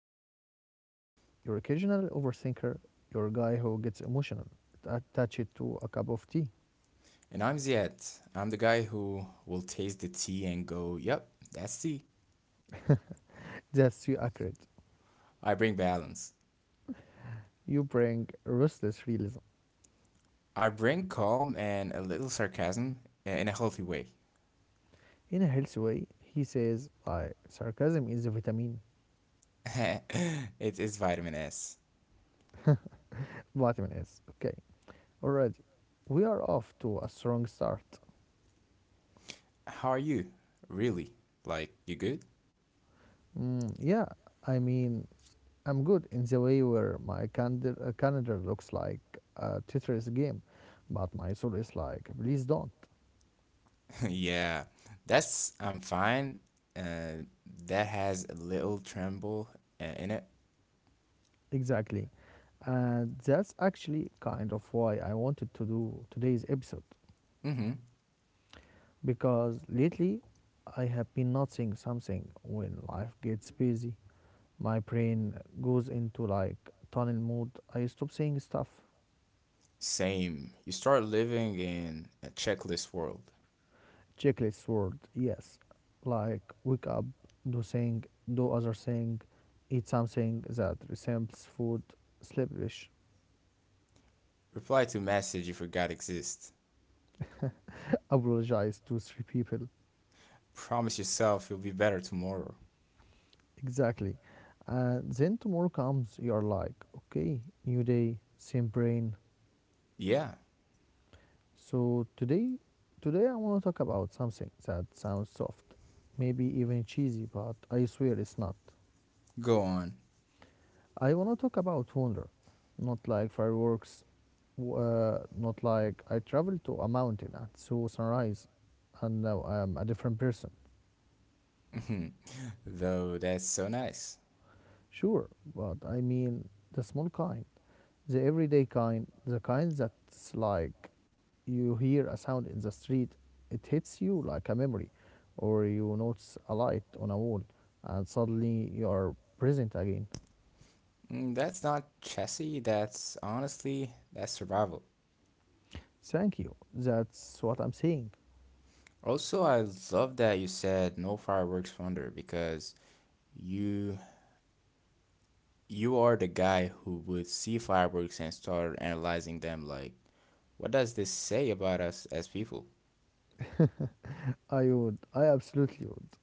Ahmad, your host, your occasional overthinker, your guy who gets emotional, attached to a cup of tea. And I'm Ziad. I'm the guy who will taste the tea and go, yep, that's tea. That's you accurate. I bring balance. You bring restless realism. I bring calm and a little sarcasm in a healthy way. In a healthy way, he says, sarcasm is a vitamin. it is vitamin S. Vitamin S. Okay, already. We are off to a strong start. How are you? Really? Like, you good? Mm, yeah, I mean, I'm good in the way where my calendar, looks like a Tetris game, but my soul is like, please don't. yeah, I'm fine. Uh, that has a little tremble in it. Exactly. And that's actually kind of why I wanted to do today's episode. Mm-hmm. Because lately I have been noticing something when life gets busy. My brain goes into like tunnel mode. I stop saying stuff. Same. You start living in a checklist world. Checklist word, yes. Like, wake up, do thing, do other thing, eat something that resembles food, sleepish, Reply to message you forgot exist. apologize to three people. Promise yourself you'll be better tomorrow. Exactly. And then tomorrow comes, you're like, okay, new day, same brain. Yeah, So today I want to talk about something that sounds soft, maybe even cheesy, but I swear it's not. go on. I want to talk about wonder, not like fireworks, not like I traveled to a mountain and saw sunrise and now I am a different person. Though that's so nice. Sure, but I mean the small kind, the everyday kind, the kind that's like you hear a sound in the street, it hits you like a memory, or you notice a light on a wall and suddenly you are present again. Mm, that's not chessy, that's survival. Thank you. That's what I'm saying. Also, I love that you said no fireworks wonder because you you are the guy who would see fireworks and start analyzing them like what does this say about us as people? I would. I absolutely would.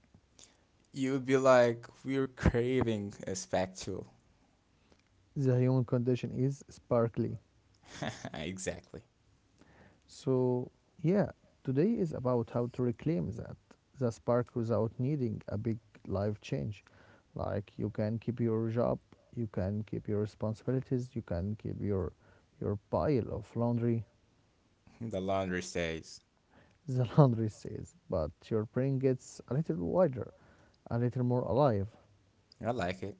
You would be like, we're craving a spectacle. The human condition is sparkly. exactly. So, yeah, today is about how to reclaim that, the spark without needing a big life change. Like, you can keep your job, you can keep your responsibilities, you can keep your pile of laundry, The laundry stays. the laundry stays, but your brain gets a little wider, a little more alive. I like it.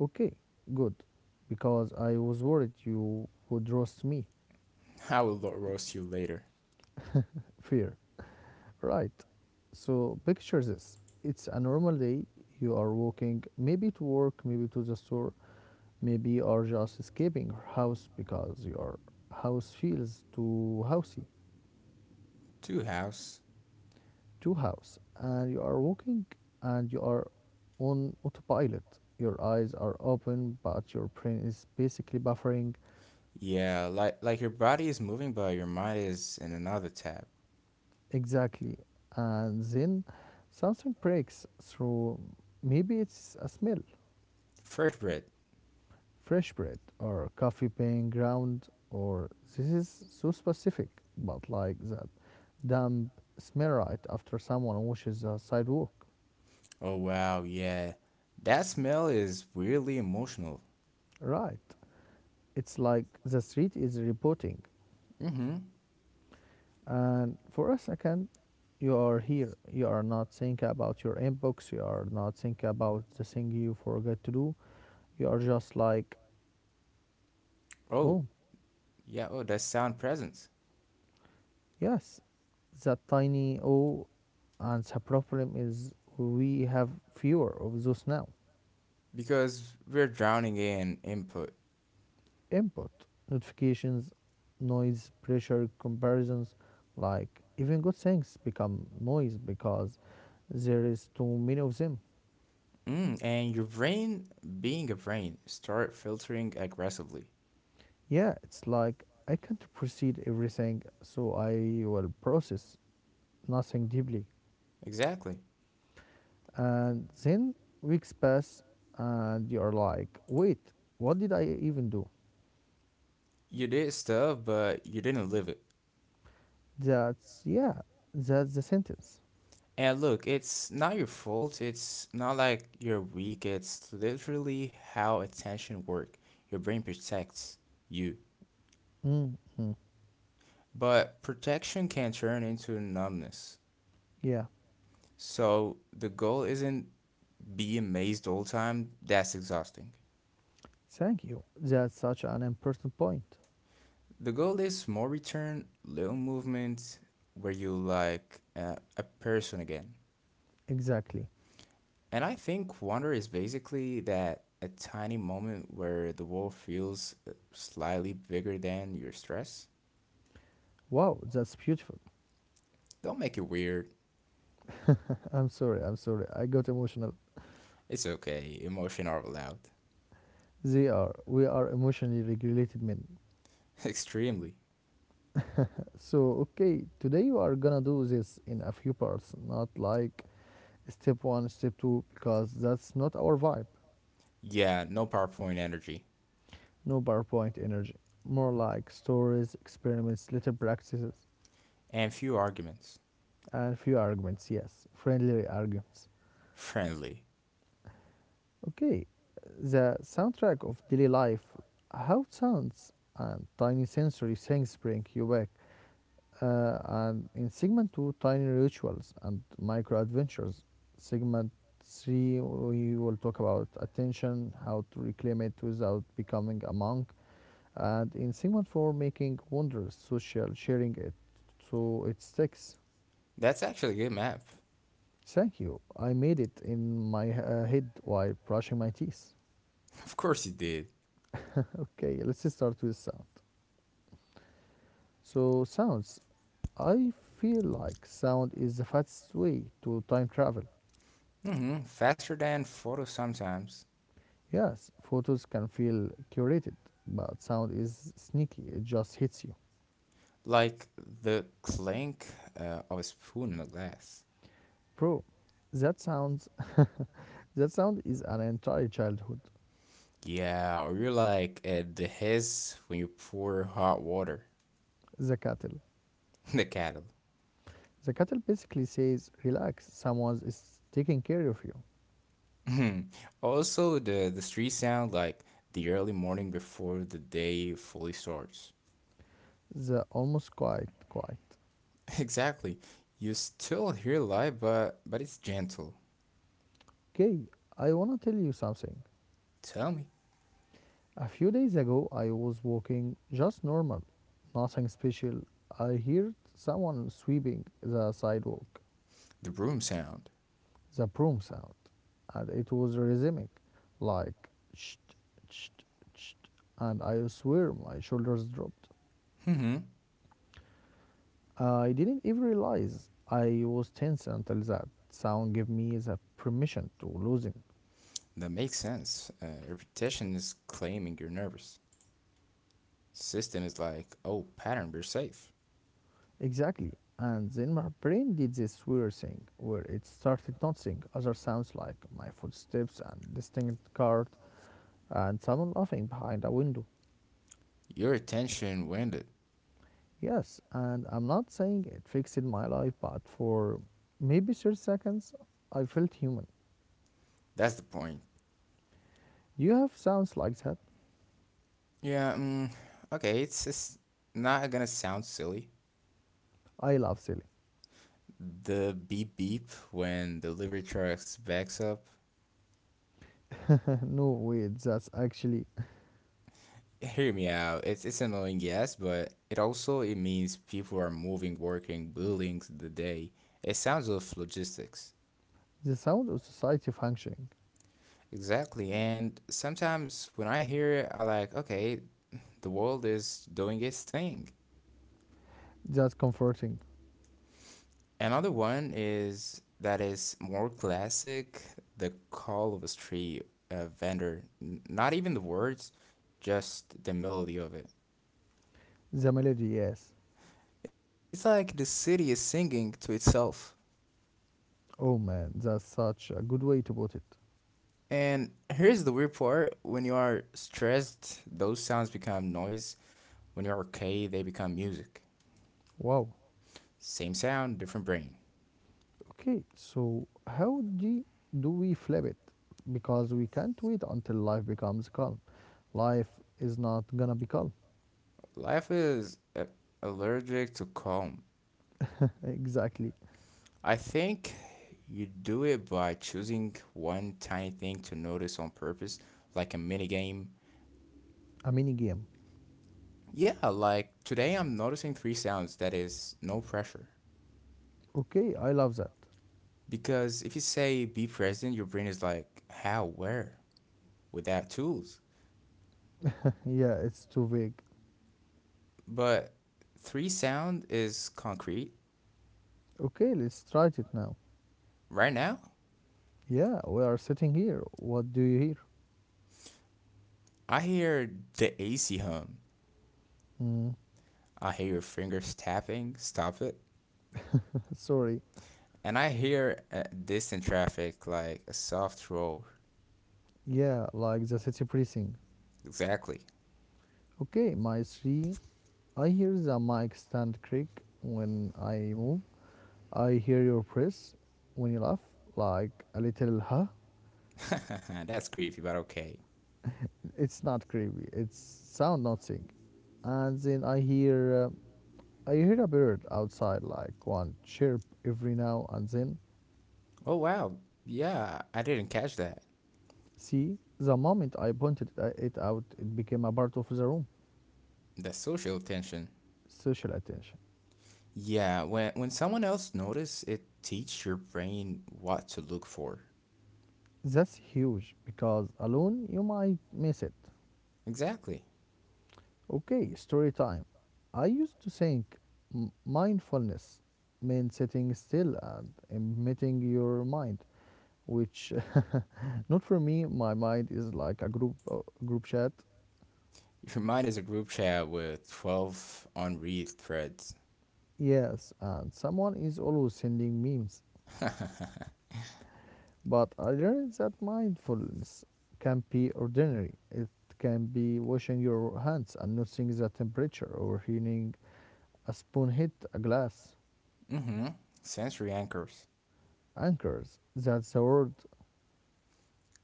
Okay, good, because I was worried you would roast me. Roast you later. Fear. Right. So picture this. It's a normal day. You are walking, maybe to work, maybe to the store, maybe you are just escaping your house because your house feels too housey, Two house. too house. And you are walking and you are on autopilot. Your eyes are open, but your brain is basically buffering. Yeah, like your body is moving, but your mind is in another tab. Exactly. And then something breaks through. Maybe it's a smell, Fresh bread. fresh bread or coffee being ground, or this is so specific but like that damp smell right after someone washes the sidewalk. Oh wow, yeah. That smell is weirdly emotional. Right. It's like the street is reporting, and for a second you are here, you are not thinking about your inbox, you are not thinking about the thing you forgot to do, you are just like, Oh oh. yeah. Oh, that sound presence. Yes. That tiny oh. And the problem is we have fewer of those now. Because we're drowning in input. Input. Notifications, noise, pressure, comparisons. Like, even good things become noise because there is too many of them. Mm, and your brain, being a brain, start filtering aggressively. Yeah, it's like I can't proceed everything, so I will process nothing deeply. Exactly. And then weeks pass, and you're like, wait, what did I even do? You did stuff, but you didn't live it. Yeah, that's the sentence. And look, it's not your fault. It's not like you're weak. It's literally how attention works. Your brain protects you. Mm-hmm. But protection can turn into numbness. Yeah, So the goal isn't be amazed all the time. That's exhausting. thank you. That's such an important point. The goal is more return, little movement, where you like a person again. Exactly. And I think wonder is basically that a tiny moment where the world feels slightly bigger than your stress. Wow, that's beautiful. Don't make it weird. I'm sorry, I'm sorry. I got emotional. It's okay. Emotion are allowed. They are. We are emotionally regulated men. Extremely. So, okay, today you are gonna do this in a few parts, not like step one, step two, because that's not our vibe. Yeah, no PowerPoint energy. No PowerPoint energy. More like stories, experiments, little practices, And few arguments. and few arguments, yes, friendly arguments. Friendly. Okay, the soundtrack of daily life, how it sounds and tiny sensory things bring you back. And in segment two, tiny rituals and micro adventures. Segment three, we will talk about attention, how to reclaim it without becoming a monk. And in segment four, making wonders, social, sharing it so it sticks. That's actually a good map. Thank you. I made it in my head while brushing my teeth. Of course you did. Okay, let's start with sound. So, sounds. I feel like sound is the fastest way to time travel. Hmm, faster than photos sometimes. Yes, photos can feel curated, but sound is sneaky. It just hits you. Like the clink of a spoon in a glass. Bro, that sounds that sound is an entire childhood. Yeah, or you're like at the hiss when you pour hot water. The cattle. the cattle. The cattle basically says, relax, someone is taking care of you. also, the street sound like the early morning before the day fully starts. The almost quiet, quiet. Exactly. You still hear light, but it's gentle. Okay, I wanna tell you something. Tell me, A few days ago I was walking just normal, nothing special. I heard someone sweeping the sidewalk. the broom sound. The broom sound, and it was rhythmic, like cht, cht, cht, and I swear my shoulders dropped. Hmm, I didn't even realize I was tense until that sound gave me the permission to loosen. that makes sense. Repetition is claiming you're nervous. System is like, oh, pattern, we're safe. Exactly. And then my brain did this weird thing where it started noticing other sounds like my footsteps and distinct cart and someone laughing behind a window. Your attention winded. Yes, and I'm not saying it fixed my life, but for maybe 30 seconds, I felt human. That's the point. Do you have sounds like that? Yeah, okay, it's just not gonna sound silly. I love silly. The beep beep when the delivery trucks backs up. No, wait, that's actually Hear me out. It's annoying, yes, but it also it means people are moving, working, building the day. It sounds of logistics. the sound of society functioning. Exactly. And sometimes when I hear it, I like, okay, the world is doing its thing. That's comforting. Another one is that is more classic, the call of a street vendor. Not even the words, just the melody of it. The melody, yes. It's like the city is singing to itself. Oh man, that's such a good way to put it. And here's the weird part when you are stressed, those sounds become noise. When you're okay, they become music. Wow. Same sound, different brain. Okay, so how do we flip it? Because we can't wait until life becomes calm. Life is not gonna be calm. Life is allergic to calm. exactly. I think you do it by choosing one tiny thing to notice on purpose, like a mini game. A mini game. Yeah, like today I'm noticing three sounds that is no pressure. Okay, I love that. Because if you say be present, your brain is like, how, where, without tools. Yeah, it's too vague. But three sound is concrete. Okay, let's try it now. Right now, Yeah, we are sitting here. What do you hear? I hear the AC hum. Mm, I hear your fingers tapping, stop it. sorry. And I hear distant traffic like a soft roar. Yeah, like the city breathing. Exactly. Okay, my three. I hear the mic stand creak when I move. I hear your press when you laugh, like a little huh. That's creepy, but okay. It's not creepy. It's sound nothing. And then I hear a bird outside, like one chirp every now and then. Oh wow. Yeah, I didn't catch that. See, the moment I pointed it out, it became a part of the room. The social attention. Social attention. Yeah, when someone else notice, it teach your brain what to look for. That's huge because alone you might miss it. Exactly. Okay, story time. I used to think mindfulness meant sitting still and emitting your mind, which not for me. My mind is like a group chat. Your mind is a group chat with 12 unread threads. Yes, and someone is always sending memes. But I learned that mindfulness can be ordinary. It can be washing your hands and noticing the temperature or feeling a spoon hit a glass. Mm-hmm. Sensory anchors. Anchors, that's a word,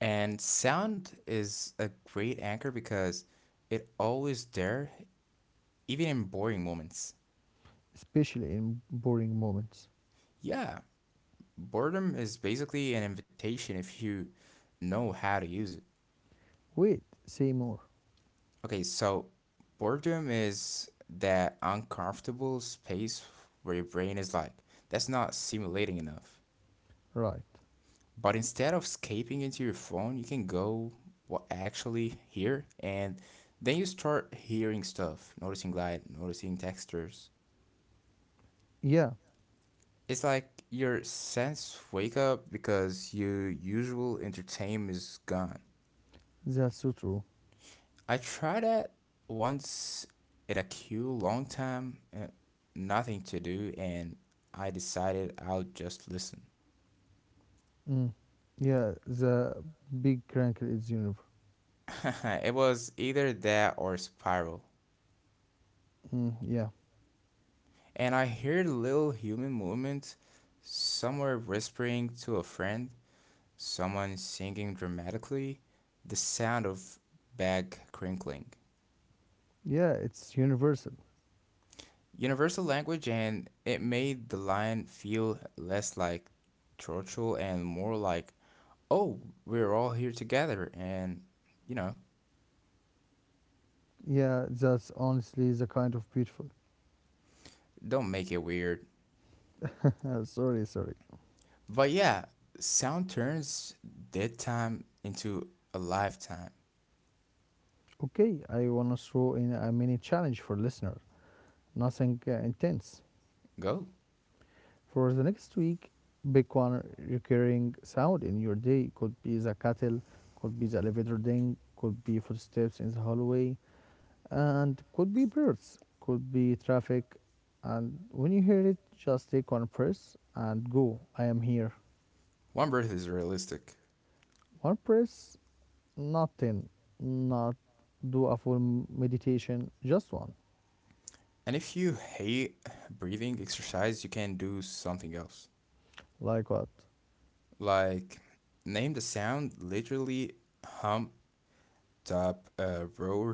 And sound is a great anchor because it always there even in boring moments. especially in boring moments. Yeah, boredom is basically an invitation if you know how to use it. Wait, say more. Okay, so boredom is that uncomfortable space where your brain is like, that's not stimulating enough. Right. But instead of escaping into your phone, you can go what actually here and then you start hearing stuff, noticing light, noticing textures. Yeah, It's like your sense wake up because your usual entertainment is gone. that's so true. I tried it once in a queue long time, nothing to do, and I decided I'll just listen. Mm. Yeah, the big crankle is universal. it was either that or Spiral. Mm, yeah. And I heard little human movement, somewhere whispering to a friend, someone singing dramatically, the sound of bag crinkling. Yeah, it's universal. Universal language and it made the line feel less like torture and more like, oh, we're all here together and, you know, Yeah, that's honestly the kind of beautiful. don't make it weird. Sorry, sorry. But yeah, sound turns dead time into a lifetime. Okay, I want to throw in a mini challenge for listeners. Nothing intense. Go. For the next week, pick one recurring sound in your day. Could be the kettle, could be the elevator ding, could be footsteps in the hallway, and could be birds, could be traffic. And when you hear it, just take one press and go. I am here. One breath is realistic. One press, not 10, not do a full meditation, just one. And if you hate breathing exercise, you can do something else. Like what? Like, name the sound literally hump, top, roar.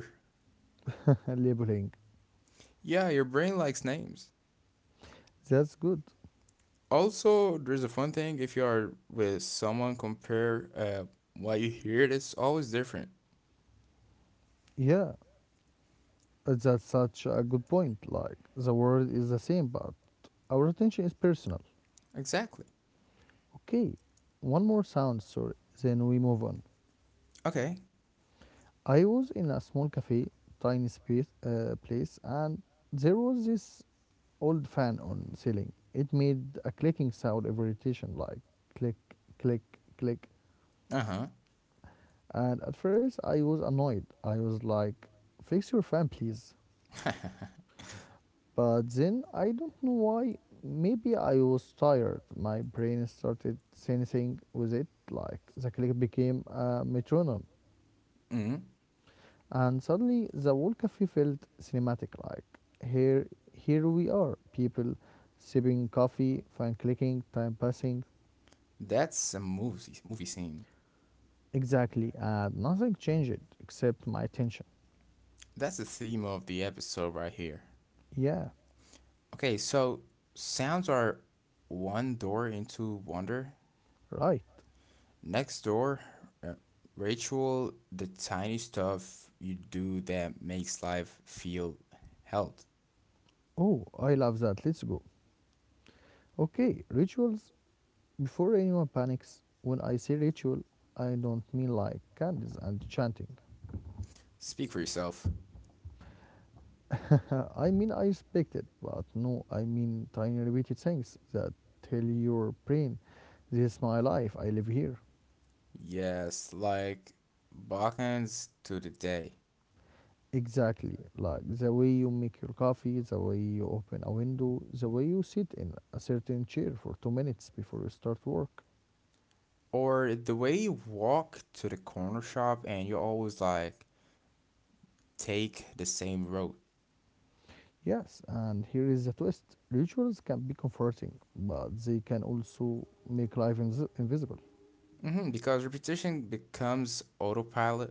Labeling. Yeah, your brain likes names. That's good. Also, there's a fun thing if you are with someone, compare what you hear, it's always different. Yeah, that's such a good point. Like, the world is the same, but our attention is personal. Exactly. Okay, one more sound story, then we move on. Okay. I was in a small cafe, tiny space, place, and there was this old fan on ceiling. It made a clicking sound every rotation, like click, click, click. Uh huh. And at first, I was annoyed. I was like, "Fix your fan, please." But then I don't know why. Maybe I was tired. My brain started sensing with it, like the click became a metronome. Mm-hmm. And suddenly the whole cafe felt cinematic. Like here, here we are, people sipping coffee, fan clicking, time passing. That's a movie scene. Exactly, and nothing changed except my attention. That's the theme of the episode right here. Yeah, Okay, so sounds are one door into wonder. right. Next door, uh, ritual, the tiny stuff you do that makes life feel held. Oh, I love that. Let's go. Okay, rituals. Before anyone panics, when I say ritual, I don't mean like candles and chanting. Speak for yourself. I mean I respect it, but no, I mean tiny repeated things that tell your brain, this is my life, I live here. Yes, like Balkans to the day. Exactly, like the way you make your coffee, the way you open a window, the way you sit in a certain chair for 2 minutes before you start work. Or the way you walk to the corner shop and you always like take the same road. Yes, and here is the twist, rituals can be comforting, but they can also make life invisible. Hmm, because repetition becomes autopilot,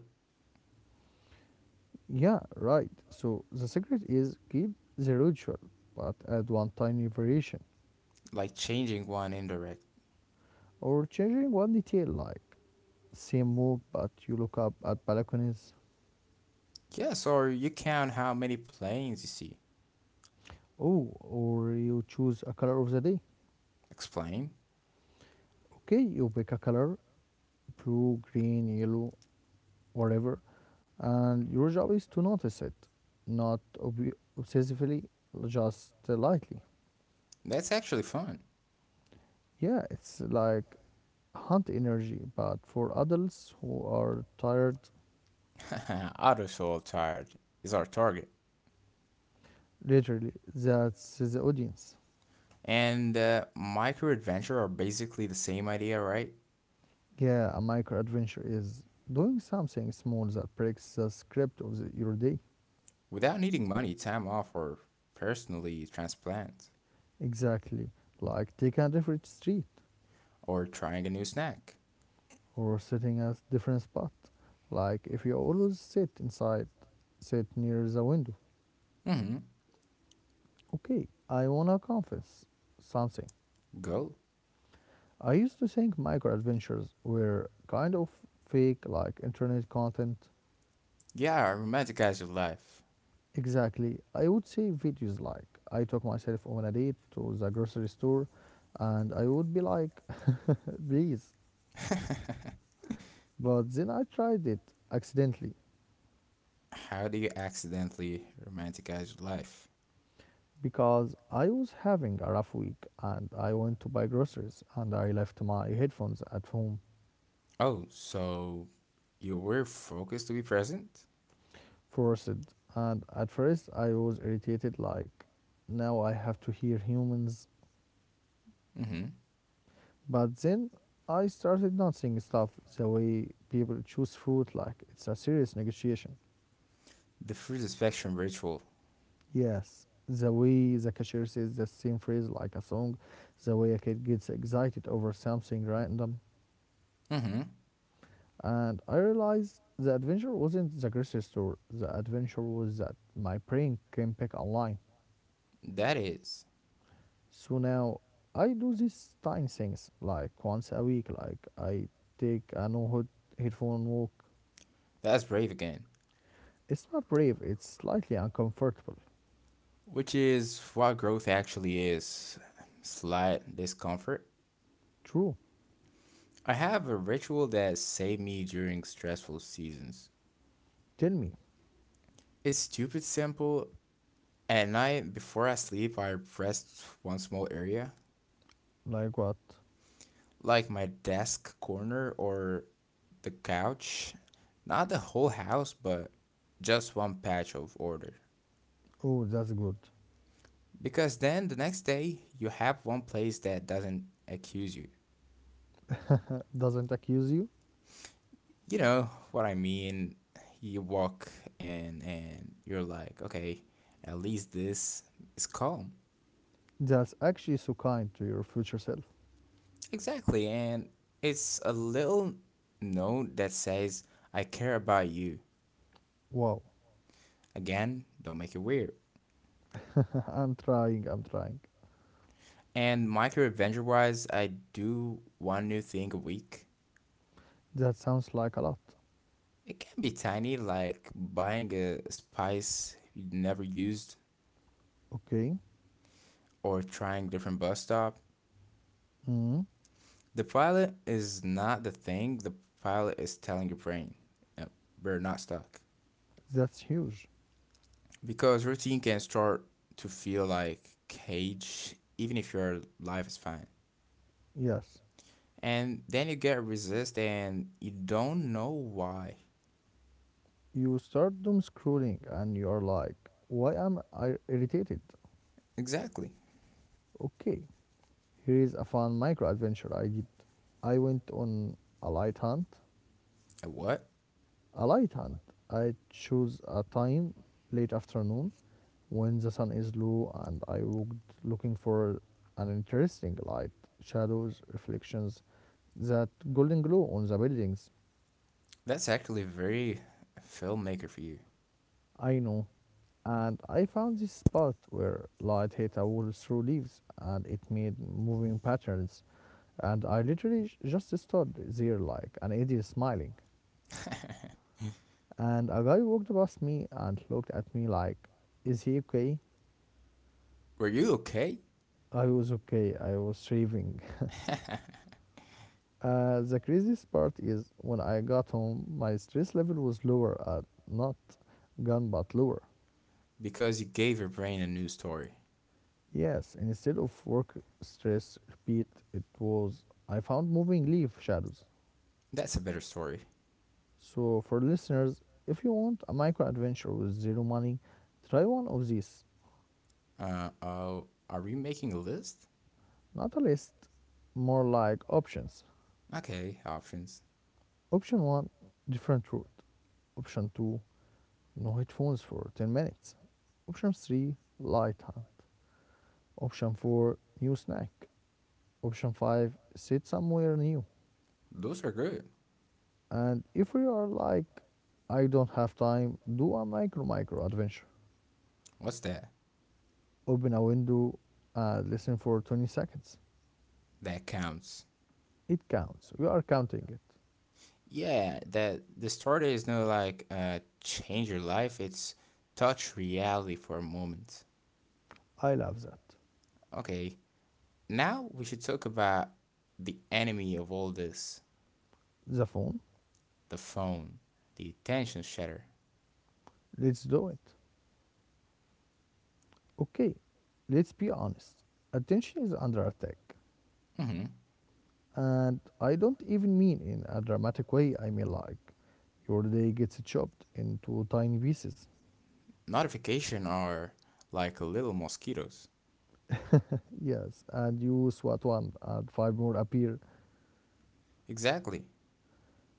Yeah, right. So the secret is keep the ritual, but add one tiny variation like changing one indirect. or changing one detail, like same move but you look up at balconies. Yes, or you count how many planes you see. Oh, or you choose a color of the day. Explain. Okay, you pick a color, blue, green, yellow, whatever, and your job is to notice it, not obsessively, just lightly. That's actually fun. Yeah, it's like hunt energy, but for adults who are tired. Auto soul tired is our target. Literally, that's the audience. And micro adventure are basically the same idea, right? Yeah, a micro adventure is doing something small that breaks the script of your day. Without needing money, time off, or personally transplant, Exactly. Like taking a different street or trying a new snack. or sitting at a different spot. Like if you always sit inside, sit near the window. Hmm, Okay, I wanna confess something. go. I used to think micro adventures were kind of fake, like internet content. Yeah, romanticize your life. Exactly. I would say videos like I took myself on a date to the grocery store and I would be like, please. But then I tried it accidentally How do you accidentally romanticize your life? because I was having a rough week and I went to buy groceries and I left my headphones at home Oh, so you were focused to be present? forced. And at first I was irritated like now I have to hear humans. Hmm, But then I started noticing stuff, the way people choose fruit like it's a serious negotiation. the fruit of spectrum ritual. Yes, the way the cashier says the same phrase like a song, the way a kid gets excited over something random. Hmm, And I realized the adventure wasn't the grocery store, the adventure was that my brain can pick online. that is. So now I do these tiny things like once a week, like I take a no hood headphone walk. That's brave again. It's not brave, it's slightly uncomfortable. Which is what growth actually is. Slight discomfort. True. I have a ritual that saved me during stressful seasons. Tell me, It's stupid simple. At night, before I sleep, I rest one small area, like what? like my desk corner or the couch. Not the whole house, but just one patch of order. Oh, that's good. Because then the next day, you have one place that doesn't accuse you. Doesn't accuse you? You know what I mean? You walk and you're like, okay, at least this is calm. That's actually so kind to your future self. Exactly, and it's a little note that says, I care about you. Wow, Again, don't make it weird. I'm trying, I'm trying. And micro adventure wise, I do one new thing a week. That sounds like a lot. It can be tiny, like buying a spice you never used Okay, or trying different bus stop. mm, The pilot is not the thing, the pilot is telling your brain, "Yep, we're not stuck." that's huge. Because routine can start to feel like cage, even if your life is fine. Yes, And then you get resist and you don't know why. you start doom scrolling and you're like, why am I irritated? Exactly. Okay, here is a fun micro adventure I did. I went on a light hunt. A what? A light hunt. I chose a time, late afternoon, when the sun is low, and I walked looking for an interesting light, shadows, reflections, that golden glow on the buildings. That's actually very filmmaker for you. I know. And I found this spot where light hit a wall through leaves and it made moving patterns. And I literally just stood there like an idiot smiling. And a guy walked past me and looked at me like, is he okay? Were you okay? I was okay. I was shaving. The craziest part is when I got home, my stress level was lower, not gone but lower. Because you gave your brain a new story. Yes, and instead of work stress repeat, it was I found moving leaf shadows. That's a better story. So, for listeners, if you want a micro adventure with zero money, try one of these. Uh oh, are we making a list? Not a list, more like options. Okay, options. Option 1, different route. Option 2, no headphones for 10 minutes. Option 3, light hunt. Option 4, new snack. Option 5, sit somewhere new. Those are good. And if we are like, I don't have time, do a micro adventure. What's that? Open a window and listen for 20 seconds. That counts. It counts. We are counting it. Yeah, that the story is not like change your life, it's touch reality for a moment. I love that. Okay, now we should talk about the enemy of all this The phone? the phone, the attention shatter. Let's do it. Okay, let's be honest. Attention is under attack. Hmm, And I don't even mean in a dramatic way, I mean like your day gets chopped into tiny pieces. notification are like little mosquitoes. Yes, and you swat one, and five more appear, Exactly,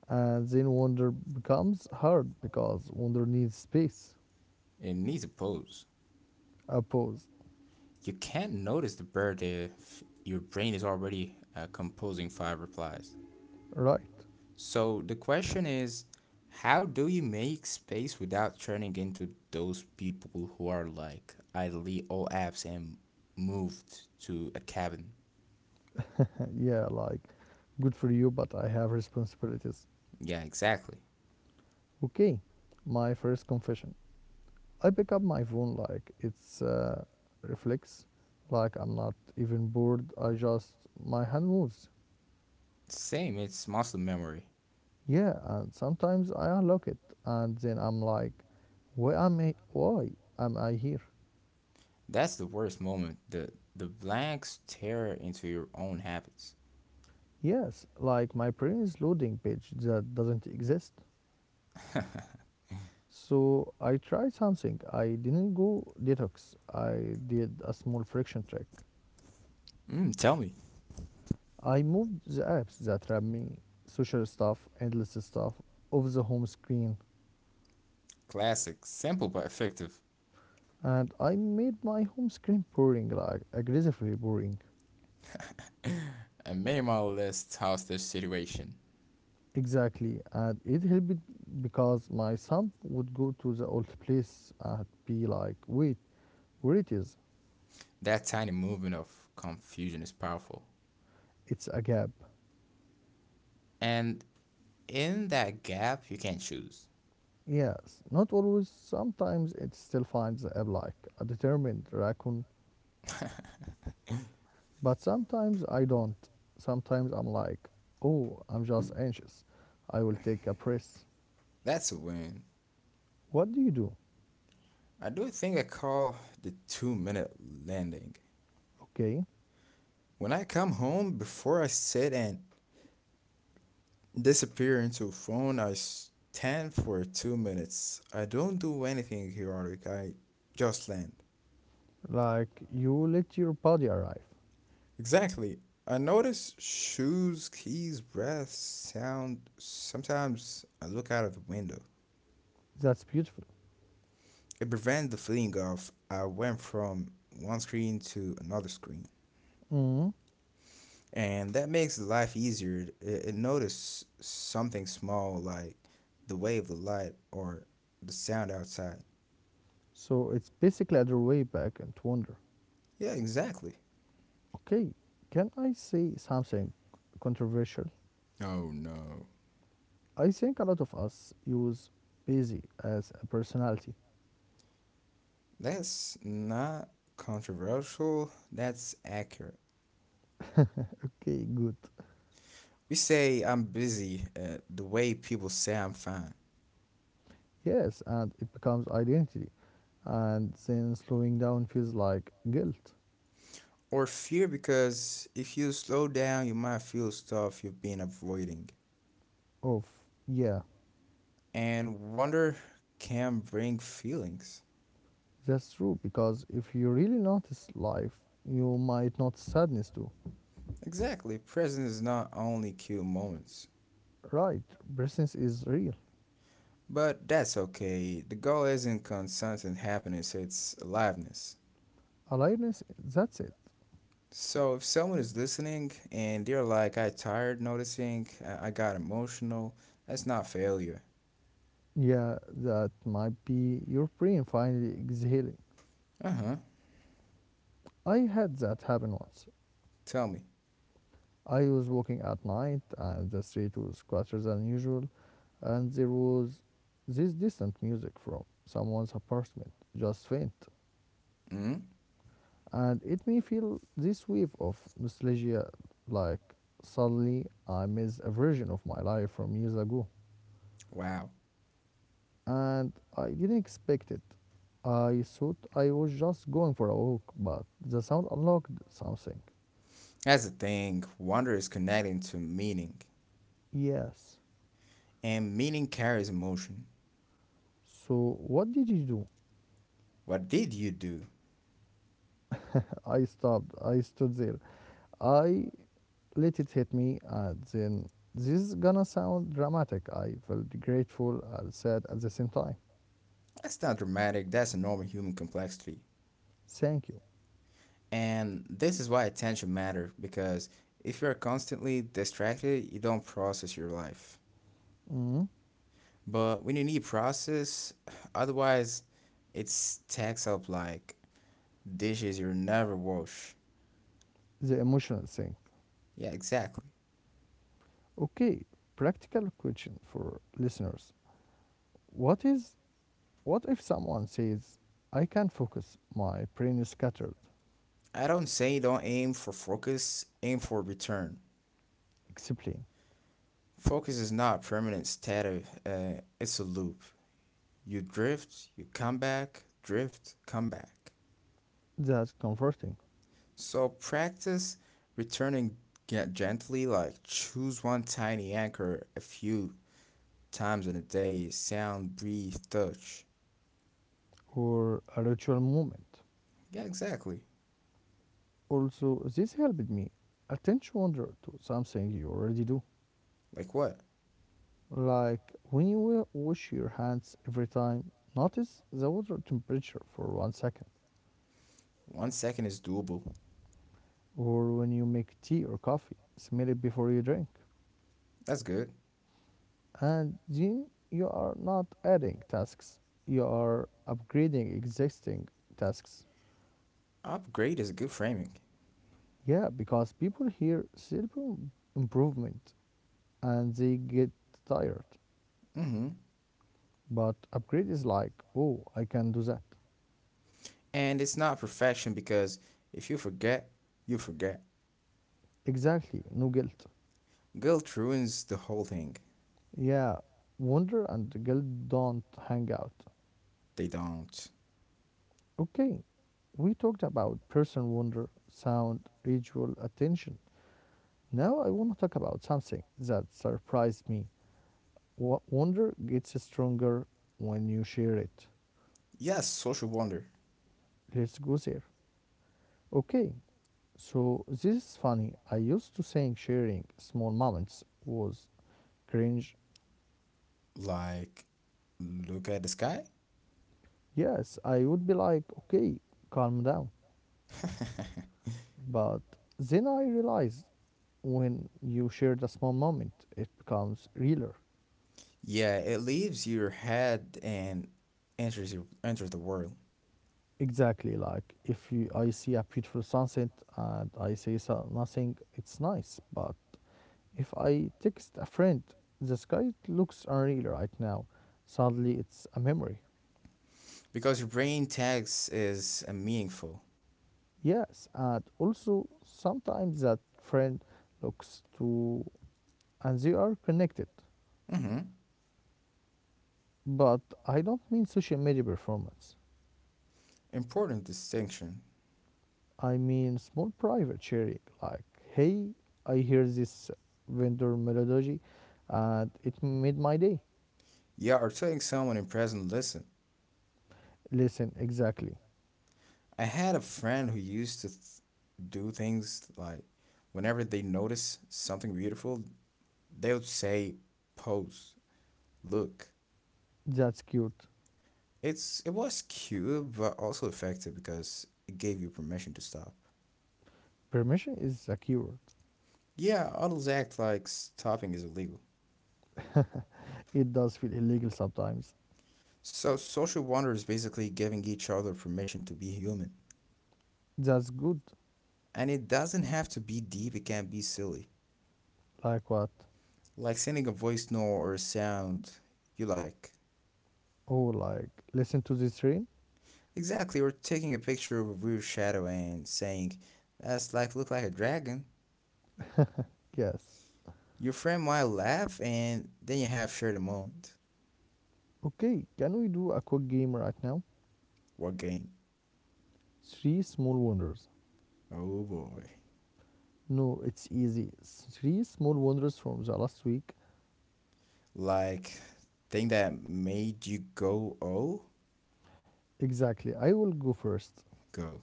and then wonder becomes hard because wonder needs space, it needs a pose. a pause, You can't notice the bird if your brain is already composing five replies. right? So the question is, how do you make space without turning into those people who are like, I delete all apps and moved to a cabin? Yeah, like, good for you, but I have responsibilities. Yeah, exactly. Okay, my first confession. I pick up my phone like it's reflex, like I'm not even bored. I just. My hand moves. Same, it's muscle memory. Yeah, and sometimes I unlock it, and then I'm like, why am I? Why am I here? That's the worst moment. The blank stare into your own habits. Yes, like my previous loading page that doesn't exist. So I tried something. I didn't go detox. I did a small friction trick. Mm, tell me. I moved the apps that trap me, social stuff, endless stuff, off the home screen. Classic, simple but effective. And I made my home screen boring, like aggressively boring. A minimalist hostage situation. Exactly. And it helped because my son would go to the old place and be like, wait, where it is? That tiny movement of confusion is powerful. It's a gap. And in that gap, you can choose. Yes, not always. Sometimes it still finds I'm like a determined raccoon, but sometimes I don't. Sometimes I'm like, oh, I'm just anxious. I will take a press. That's a win. What do you do? I do a thing I call the two-minute landing. Okay, When I come home, before I sit and disappear into a phone, I stand for 2 minutes. I don't do anything heroic, I just land. like you let your body arrive. Exactly. I notice shoes, keys, breath, sound. Sometimes I look out of the window. That's beautiful. It prevents the feeling of I went from one screen to another screen. Hmm. And that makes life easier. It notice something small like the way of the light or the sound outside. So it's basically other way back and wonder. Yeah, exactly. Okay, can I say something controversial? Oh no. I think a lot of us use busy as a personality. That's not controversial. That's accurate. Okay, good. We say I'm busy the way people say I'm fine. Yes, and it becomes identity. And then slowing down feels like guilt Or fear because if you slow down, you might feel stuff you've been avoiding. of, yeah, And wonder can bring feelings. that's true. Because if you really notice life, you might notice sadness too. Exactly. Present is not only cute moments. Right, presence is real. But that's okay. The goal isn't constant happiness, it's aliveness. Aliveness, that's it. So if someone is listening and they're like, I tired noticing, I got emotional, that's not failure. Yeah, that might be your brain finally exhaling. Uh huh. I had that happen once. Tell me. I was walking at night and the street was quieter than usual, and there was this distant music from someone's apartment, just faint. Mm? And it made feel this wave of nostalgia like suddenly I miss a version of my life from years ago. Wow. And I didn't expect it. I thought I was just going for a walk, but the sound unlocked something. That's the thing. Wonder is connecting to meaning, Yes. and meaning carries emotion. So what did you do? What did you do? I stopped. I stood there. I let it hit me. Then this is gonna sound dramatic. I felt grateful and sad at the same time. That's not dramatic, that's a normal human complexity. Thank you. And this is why attention matters because if you are constantly distracted, you don't process your life. Mhm. But when you need process, otherwise, it stacks up like dishes you never wash. The emotional thing. Yeah, exactly. Okay, practical question for listeners. What is what if someone says, "I can't focus. My brain is scattered." I don't say don't aim for focus, aim for return. Explain. Focus is not a permanent state of, it's a loop. You drift, you come back, drift, come back. That's comforting So practice returning gently, like choose one tiny anchor a few times in a day. Sound, breathe, touch. or a ritual moment. Yeah, exactly. Also, this helped me attention wonder to something you already do. Like what? Like when you wash your hands every time, notice the water temperature for 1 second. 1 second is doable. Or when you make tea or coffee, smell it before you drink. That's good. And then you are not adding tasks, you are upgrading existing tasks. Upgrade is a good framing. Yeah, because people hear self improvement and they get tired. Mm-hmm. But upgrade is like, oh, I can do that. And it's not perfection because if you forget, you forget. Exactly, no guilt. Guilt ruins the whole thing. Yeah, wonder and guilt don't hang out. They don't. Okay, we talked about person wonder, sound, ritual, attention. Now I want to talk about something that surprised me. Wonder gets stronger when you share it. Yes, social wonder. Let's go there. Okay, so this is funny. I used to think sharing small moments was cringe. Like, look at the sky? Yes, I would be like, okay, calm down. But then I realized when you share the small moment, it becomes realer. Yeah, it leaves your head and enters the world Exactly. Like if you, I see a beautiful sunset and I say nothing, it's nice. But if I text a friend, the sky looks unreal right now. Suddenly, it's a memory. because your brain tags is a meaningful, Yes, and also sometimes that friend looks too, and they are connected. hmm, But I don't mean social media performance. important distinction. I mean small private sharing. Like, hey, I hear this vendor melody, and it made my day. Yeah, or telling someone in present. Listen, Listen, exactly. I had a friend who used to do things like whenever they notice something beautiful, they would say, "Pose, look." That's cute. It was cute, but also effective because it gave you permission to stop. Permission is secured. Yeah, adults act like stopping is illegal. It does feel illegal sometimes. So, social wonder is basically giving each other permission to be human. That's good. And it doesn't have to be deep, it can be silly. Like what? Like sending a voice note or a sound you like. Oh, like, listen to this rain? Exactly, or taking a picture of a weird shadow and saying, that's like look like a dragon. Yes. Your friend might laugh and then you have shared a moment. Okay, can we do a quick game right now? What game? Three small wonders. Oh boy. No, it's easy. Three small wonders from the last week. Like thing that made you go oh? Exactly. I will go first. Go.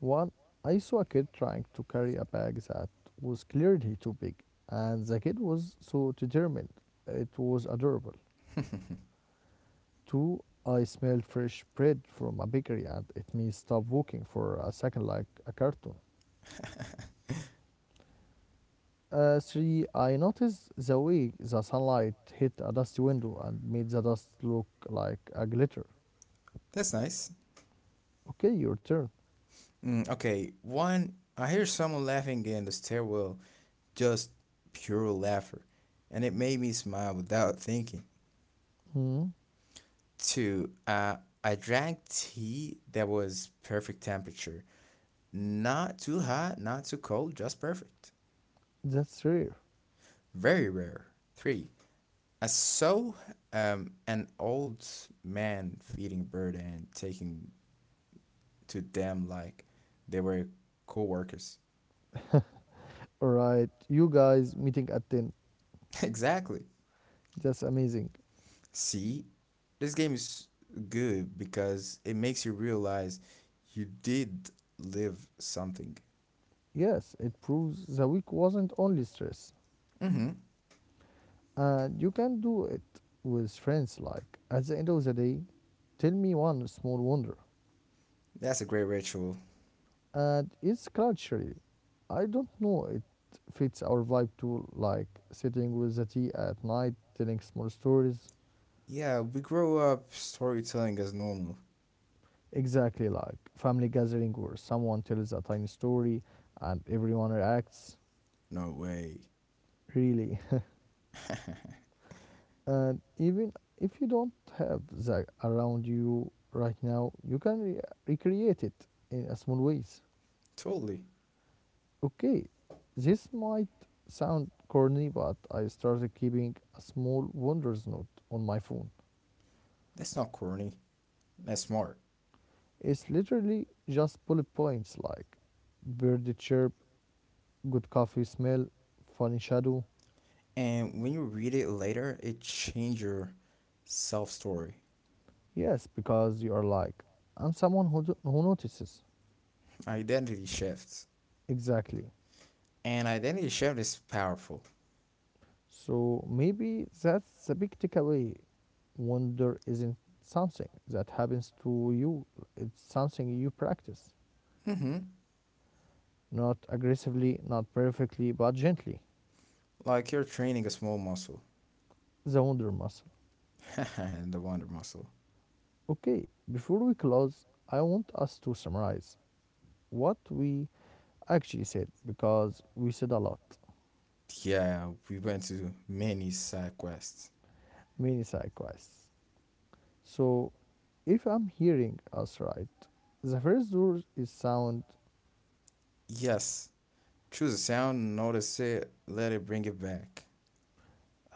One, I saw a kid trying to carry a bag that was clearly too big, and the kid was so determined. It was adorable. Two, I smelled fresh bread from a bakery and it made me stop walking for a second like a cartoon. Three, I noticed the way the sunlight hit a dusty window and made the dust look like a glitter. That's nice. Okay, your turn. Mm, okay, one, I hear someone laughing in the stairwell, just pure laughter, and it made me smile without thinking. Hmm, Two, I drank tea that was perfect temperature. Not too hot, not too cold, just perfect. that's rare. Very rare. Three, I saw an old man feeding bird and taking to them like they were co-workers. Alright, you guys meeting at 10. Exactly. That's amazing. See, this game is good because it makes you realize you did live something. Yes, it proves the week wasn't only stress. Mm-hmm. And you can do it with friends like at the end of the day, tell me one small wonder. That's a great ritual. And it's culturally. I don't know, it fits our vibe too, like sitting with the tea at night, telling small stories. Yeah, we grow up storytelling as normal. Exactly like family gathering where someone tells a tiny story and everyone reacts. No way. Really. And even if you don't have that around you right now, you can recreate it in a small ways. Totally. Okay, this might sound corny, but I started keeping a small wonders note on my phone. That's not corny. That's smart. It's literally just bullet points like bird chirp, good coffee smell, funny shadow. And when you read it later, it changes your self story. Yes, because you are like, I'm someone who notices. Identity shifts. Exactly. And identity shift is powerful. So maybe that's the big takeaway. Wonder isn't something that happens to you, it's something you practice. Mm-hmm. Not aggressively, not perfectly, but gently. Like you're training a small muscle, The wonder muscle. the wonder muscle. Okay, before we close, I want us to summarize what we actually said because we said a lot, Yeah, we went to many side quests. many side quests. So if I'm hearing us right, the first door is sound, Yes. Choose a sound, notice it, let it bring it back.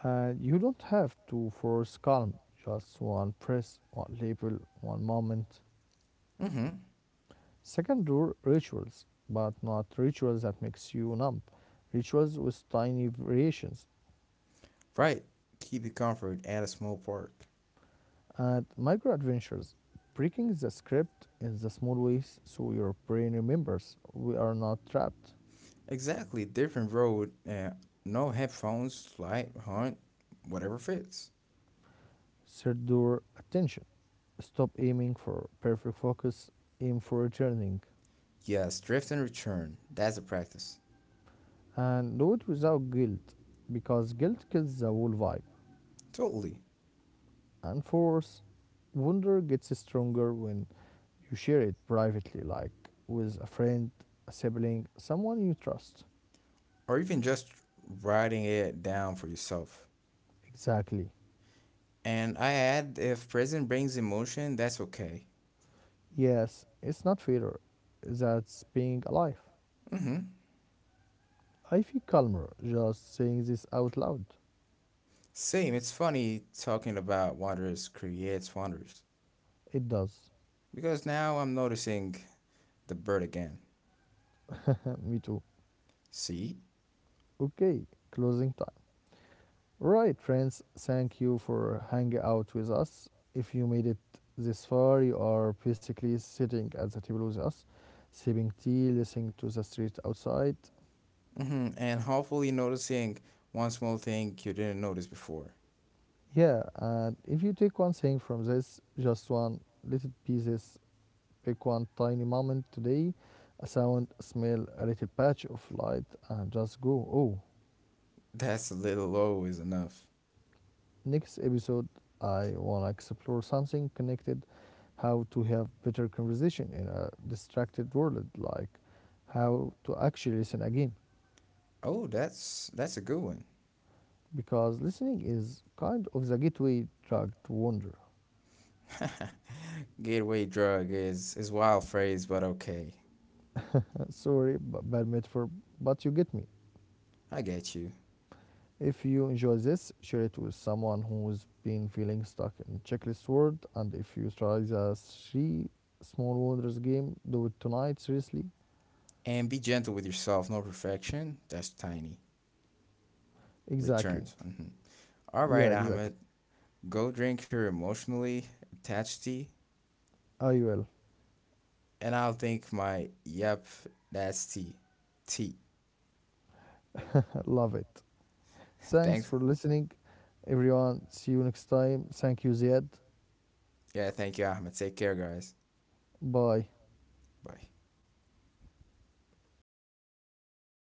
and you don't have to force calm, just one press, one label, one moment. Mm-hmm. Second door, rituals, but not rituals that makes you numb, rituals with tiny variations Right. Keep it comfort at a small park. and micro adventures. Breaking the script in the small ways so your brain remembers we are not trapped. Exactly. Different road and no headphones, light, hunt, whatever fits. Secure attention. Stop aiming for perfect focus, aim for returning. Yes, drift and return. That's a practice. And do it without guilt, because guilt kills the whole vibe. Totally. And fourth, wonder gets stronger when you share it privately, like with a friend, a sibling, someone you trust. Or even just writing it down for yourself. Exactly. And I add if present brings emotion, that's okay. Yes, it's not failure, that's being alive. I feel calmer just saying this out loud. Same. It's funny talking about wonders creates wonders It does. because now I'm noticing the bird again. Me too. See? Okay, closing time. Right, friends, thank you for hanging out with us. If you made it this far, you are basically sitting at the table with us, sipping tea, listening to the street outside. Hmm. And hopefully noticing one small thing you didn't notice before. Yeah, and if you take one thing from this, just one, let it be this. Pick one tiny moment today, a sound, a smell, a little patch of light, and just go, oh. That's a little always enough. Next episode, I want to explore something connected, how to have better conversation in a distracted world, like how to actually listen again. Oh, that's a good one. Because listening is kind of the gateway drug to wonder. Gateway drug is wild phrase, but okay. Sorry, bad metaphor, but you get me. I get you. If you enjoy this, share it with someone who's been feeling stuck in checklist world. And if you try the three small wonders game, do it tonight, seriously. And be gentle with yourself. No perfection. That's tiny. Exactly. Returns. Mhm. All Yeah, right, exactly. Ahmed. Go drink your emotionally attached tea. I will. And I'll think my yep, that's T. T. I Love it. Thanks Thanks. for listening, everyone. See you next time. Thank you, Ziad. Yeah, thank you, Ahmed. Take care, guys. Bye. Bye.